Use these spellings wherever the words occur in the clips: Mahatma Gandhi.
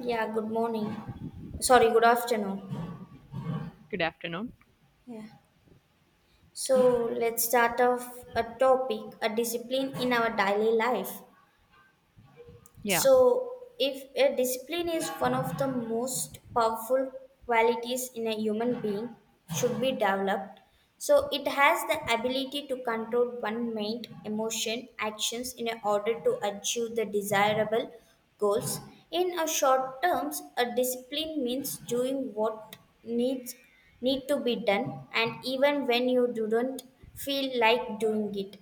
Yeah, good morning. Sorry, good afternoon. Good afternoon. Yeah. So let's start off a topic, a discipline in our daily life. Yeah, So, if a discipline is one of the most powerful qualities in a human being, should be developed. So, it has the ability to control one mind, emotion, actions in order to achieve the desirable goals. In a short terms, a discipline means doing what needs need to be done, and even when you don't feel like doing it,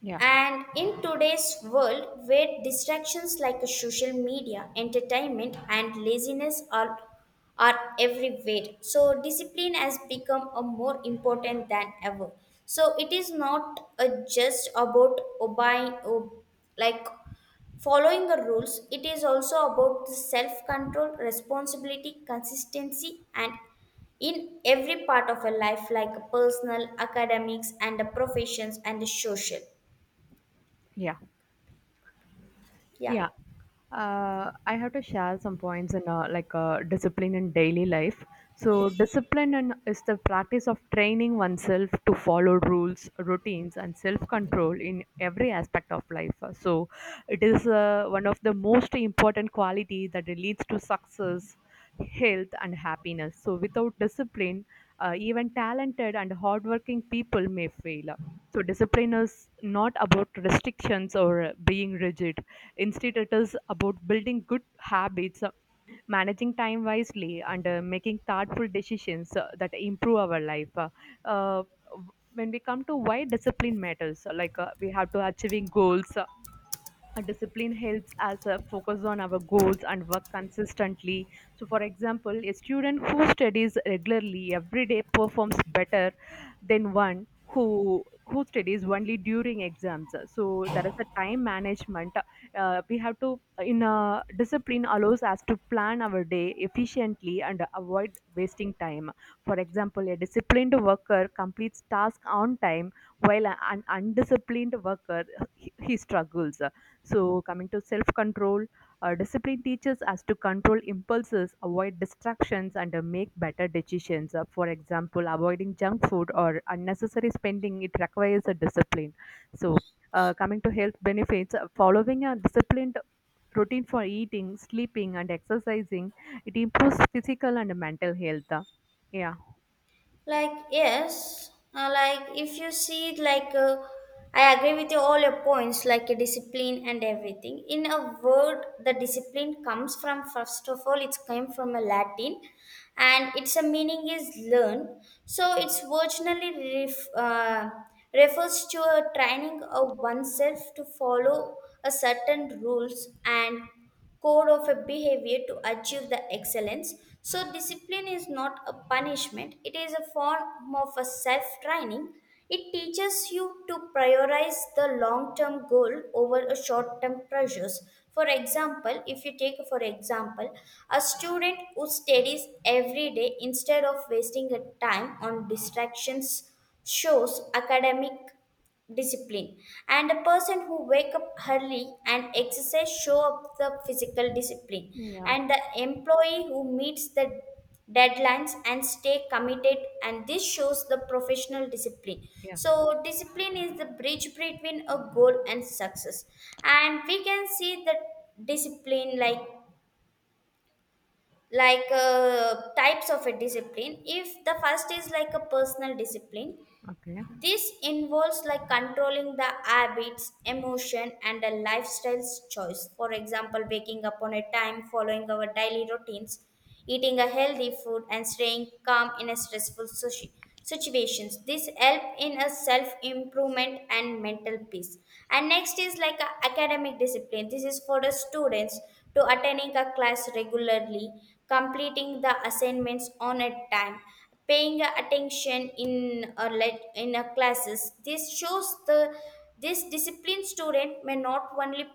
yeah, and in today's world, where distractions like social media, entertainment, and laziness are everywhere, so discipline has become a more important than ever. So it is not just about like following the rules. It is also about the self-control, responsibility, consistency, and in every part of a life, like personal, academics, and the professions and the social. yeah. Yeah, Yeah. I have to share some points in discipline in daily life. So discipline is the practice of training oneself to follow rules, routines, and self-control in every aspect of life. So it is one of the most important quality that leads to success, health, and happiness. So without discipline, even talented and hardworking people may fail. So discipline is not about restrictions or being rigid. Instead, it is about building good habits, managing time wisely, and making thoughtful decisions that improve our life. Uh, when we come to why discipline matters, we have to achieving goals, a discipline helps us focus on our goals and work consistently. So, for example, a student who studies regularly every day performs better than one who studies only during exams. So there is a time management. We have to, in a discipline, allows us to plan our day efficiently and avoid wasting time. For example, a disciplined worker completes task on time, while an undisciplined worker, he struggles. So, coming to self control, discipline teaches us to control impulses, avoid distractions, and make better decisions. For example, avoiding junk food or unnecessary spending, it requires a discipline. So, coming to health benefits, following a disciplined routine for eating, sleeping, and exercising, it improves physical and mental health. Yeah, like yes, like if you see it like I agree with you all your points, like a discipline and everything. In a word, the discipline comes from, first of all, it's came from a Latin, and its a meaning is learn. So it's originally refers to a training of oneself to follow a certain rules and code of a behavior to achieve the excellence. So, discipline is not a punishment, it is a form of a self training. It teaches you to prioritize the long term goal over a short term pressures. For example, if you take for example a student who studies every day instead of wasting a time on distractions shows academic discipline, and a person who wake up early and exercise show up the physical discipline, and the employee who meets the deadlines and stay committed, and this shows the professional discipline. So discipline is the bridge between a goal and success. And we can see the discipline like types of a discipline. If the first is like a personal discipline, okay. this involves like controlling the habits, emotion, and a lifestyle choice. For example, waking up on a time, following our daily routines, eating a healthy food, and staying calm in a stressful situations. This help in a self improvement and mental peace. And next is like a academic discipline. This is for the students to attending a class regularly, completing the assignments on a time, paying attention in a classes. This shows the this disciplined student may not only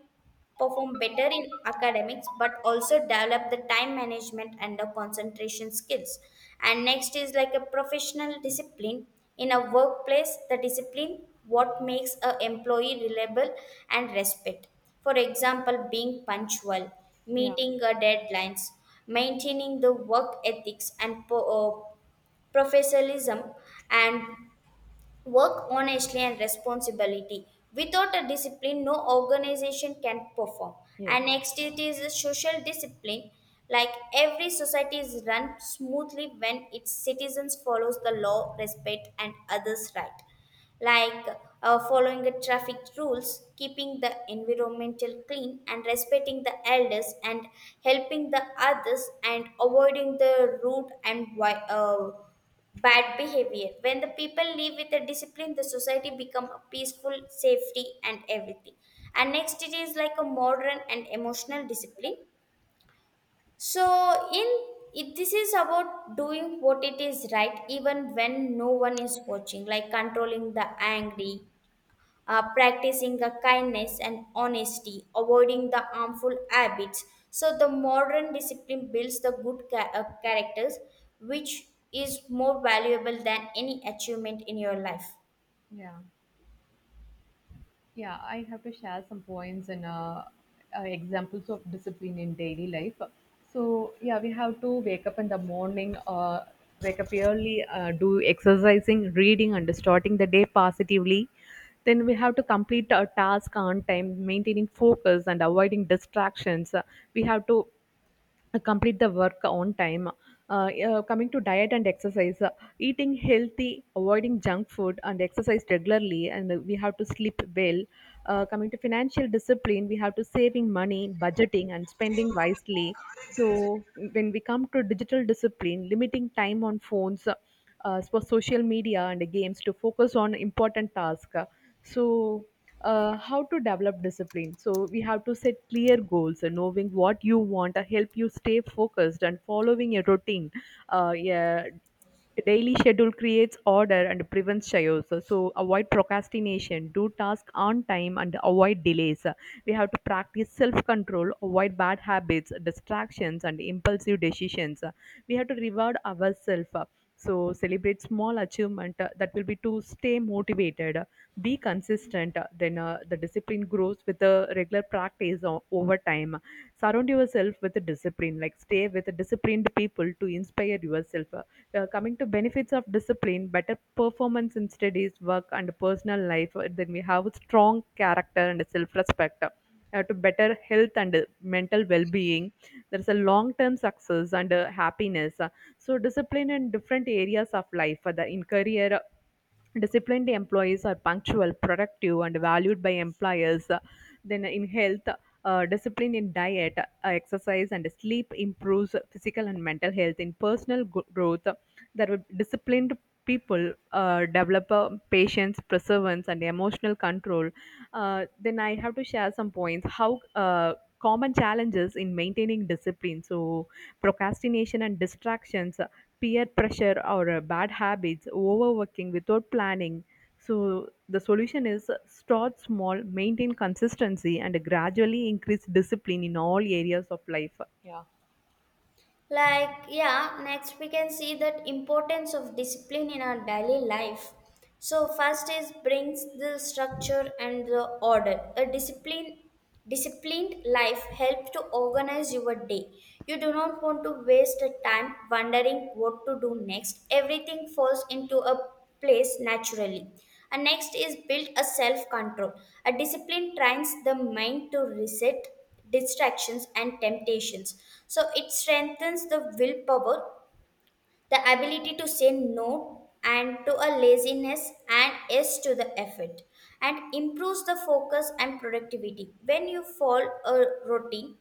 perform better in academics but also develop the time management and the concentration skills. And next is like a professional discipline in a workplace. The discipline what makes a employee reliable and respect. For example, being punctual, Yeah. meeting deadlines, maintaining the work ethics and professionalism, and work honestly and responsibility. Without a discipline, no organization can perform. And Yes. next, it is a social discipline. Like every society is run smoothly when its citizens follows the law, respect, and others' right, like following the traffic rules, keeping the environmental clean, and respecting the elders, and helping the others, and avoiding the rude and bad behavior. When the people live with a discipline, the society become a peaceful, safety, and everything. And next, it is like a modern and emotional discipline. So in it, this is about doing what it is right even when no one is watching, like controlling the angry, practicing the kindness and honesty, avoiding the harmful habits. So the modern discipline builds the good characters, which is more valuable than any achievement in your life. Yeah. Yeah, I have to share some points and examples of discipline in daily life. So, yeah, we have to wake up in the morning, wake up early, do exercising, reading, and starting the day positively. Then we have to complete our task on time, maintaining focus and avoiding distractions. We have to complete the work on time. Coming to diet and exercise, eating healthy, avoiding junk food, and exercise regularly, and we have to sleep well. Coming to financial discipline, we have to saving money, budgeting, and spending wisely. So when we come to digital discipline, limiting time on phones, for social media and games to focus on important tasks. So, how to develop discipline? So we have to set clear goals, and knowing what you want help you stay focused, and following a routine. uh, yeah daily schedule creates order and prevents chaos. So avoid procrastination, do task on time, and avoid delays. We have to practice self control, avoid bad habits, distractions, and impulsive decisions. We have to reward ourselves. So, celebrate small achievement that will be to stay motivated. Be consistent. The discipline grows with the regular practice over time. Surround yourself with the discipline, like stay with the disciplined people to inspire yourself. Coming to benefits of discipline: better performance in studies, work, and personal life. Then we have a strong character and self-respect, to better health and mental well-being. There's a long-term success and happiness. So discipline in different areas of life, the in career: disciplined employees are punctual, productive, and valued by employers. Then, in health, discipline in diet, exercise, and sleep improves physical and mental health. In personal growth, there will disciplined people develop a patience, perseverance, and emotional control. Then I have to share some points. How, common challenges in maintaining discipline: so procrastination and distractions, peer pressure, or bad habits, overworking without planning. So the solution is start small, maintain consistency, and gradually increase discipline in all areas of life. Like yeah, next we can see that importance of discipline in our daily life. So first is brings the structure and the order. A disciplined life helps to organize your day. You do not want to waste a time wondering what to do next. Everything falls into a place naturally. And next is build a self control. A discipline trains the mind to reset distractions and temptations, so it strengthens the willpower, the ability to say no and to a laziness and yes to the effort. And improves the focus and productivity when you follow a routine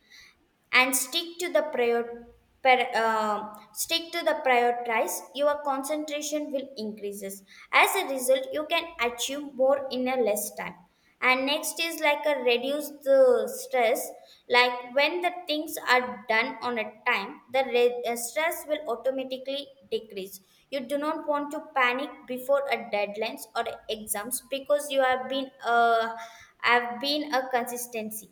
and stick to the stick to the prioritize. Your concentration will increases. As a result, you can achieve more in a less time. And next is like a reduce the stress. Like when the things are done on a time, the stress will automatically decrease. You do not want to panic before a deadlines or exams because you have been a consistency.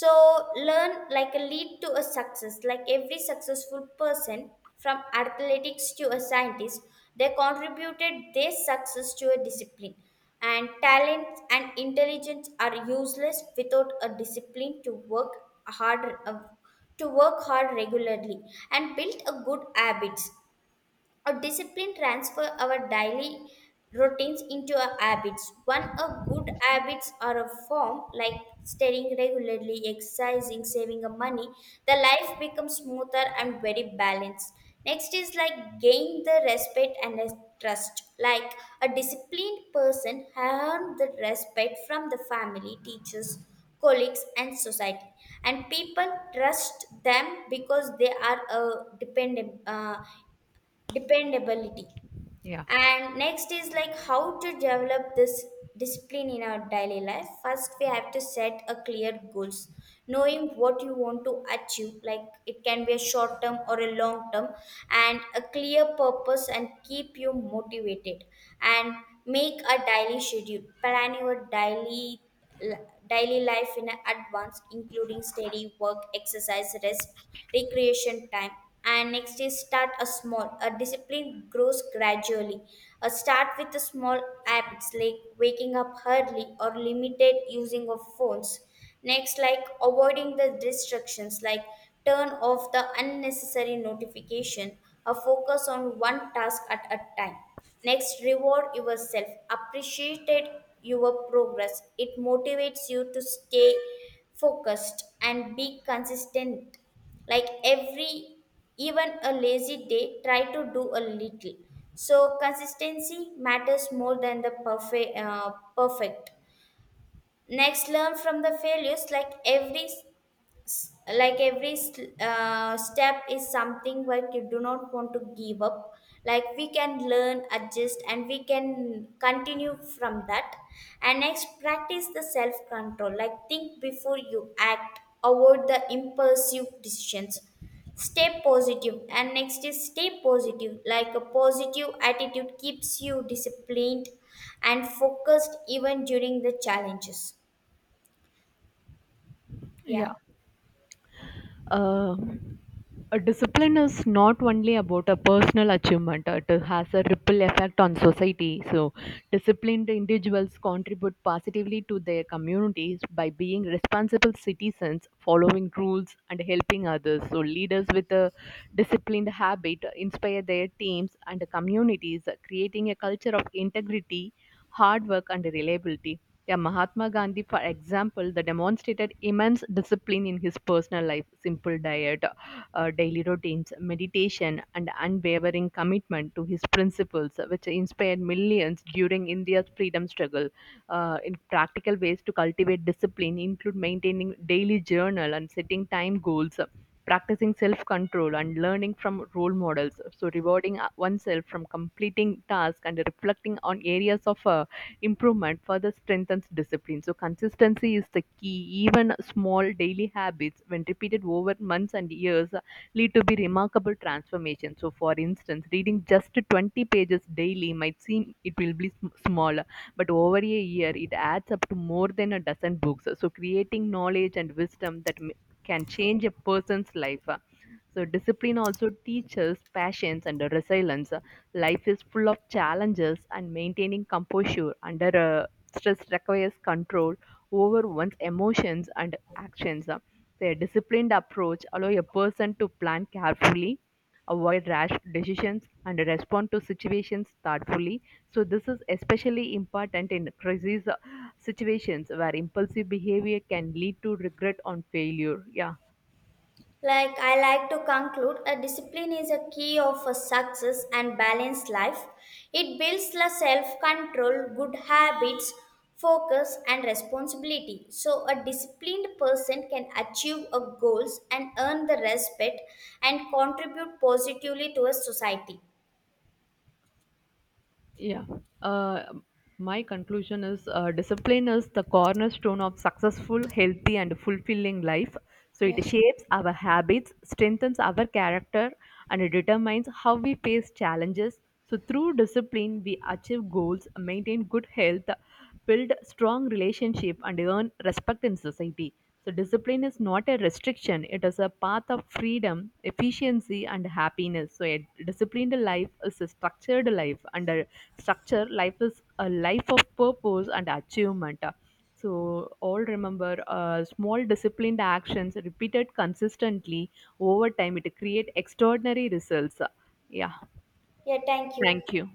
So learn like a lead to a success, like every successful person from athletics to a scientist, they contributed their success to a discipline. And talent and intelligence are useless without a discipline hard uh, to work hard regularly and build a good habits. Our discipline transfer our daily routines into our habits. One of good habits are a form like studying regularly, exercising, saving up money. The life becomes smoother and very balanced. Next is like gain the respect and the trust. Like a disciplined person earn the respect from the family, teachers, colleagues and society, and people trust them because they are dependent dependability. Yeah. And next is like how to develop this discipline in our daily life. First, we have to set a clear goals, knowing what you want to achieve. Like it can be a short term or a long term, and a clear purpose and keep you motivated. And make a daily schedule, plan your daily life in advance, including steady work, exercise, rest, recreation time. And next is start a small. A discipline grows gradually. A start with a small habits like waking up early or limited using of phones. Next, like avoiding the distractions, like turn off the unnecessary notification or focus on one task at a time. Next, reward yourself, appreciate your progress. It motivates you to stay focused and be consistent. Like every, even a lazy day, try to do a little. So consistency matters more than the perfect. Next, learn from the failures, like every step is something like you do not want to give up. Like we can learn, adjust, and we can continue from that. And next, practice the self control, like think before you act, avoid the impulsive decisions. Stay positive positive. And next is stay positive, like a positive attitude keeps you disciplined and focused even during the challenges. Yeah. Yeah. Uh, a discipline is not only about a personal achievement, it has a ripple effect on society. So, disciplined individuals contribute positively to their communities by being responsible citizens, following rules, and helping others. So, leaders with a disciplined habit inspire their teams and communities, creating a culture of integrity, hard work, and reliability. Yeah, Mahatma Gandhi, for example, the demonstrated immense discipline in his personal life: simple diet, daily routines, meditation, and unwavering commitment to his principles, which inspired millions during India's freedom struggle. In practical ways to cultivate discipline include maintaining daily journal and setting time goals, practicing self control, and learning from role models. So, rewarding oneself from completing tasks and reflecting on areas of improvement further strengthens discipline. So, consistency is the key. Even small daily habits, when repeated over months and years, lead to be remarkable transformation. So, for instance, reading just 20 pages daily might seem it will be small, but over a year it adds up to more than a dozen books. So, creating knowledge and wisdom that can change a person's life. So discipline also teaches patience and resilience. Life is full of challenges, and maintaining composure under stress requires control over one's emotions and actions. So, a disciplined approach allows a person to plan carefully, avoid rash decisions, and respond to situations thoughtfully. So, this is especially important in crisis situations where impulsive behavior can lead to regret on failure. Yeah. Like I like to conclude, a discipline is a key of a success and balanced life. It builds the self-control, good habits, focus and responsibility. So a disciplined person can achieve a goals and earn the respect and contribute positively to a society. Yeah. Uh, my conclusion is discipline is the cornerstone of successful, healthy, and fulfilling life. So it Yeah. shapes our habits, strengthens our character, and it determines how we face challenges. So through discipline, we achieve goals, maintain good health, build strong relationship, and earn respect in society. So discipline is not a restriction; it is a path of freedom, efficiency, and happiness. So a disciplined life is a structured life, and a structure life is a life of purpose and achievement. So all remember, small disciplined actions repeated consistently over time it create extraordinary results. Yeah, Yeah, thank you. thank you.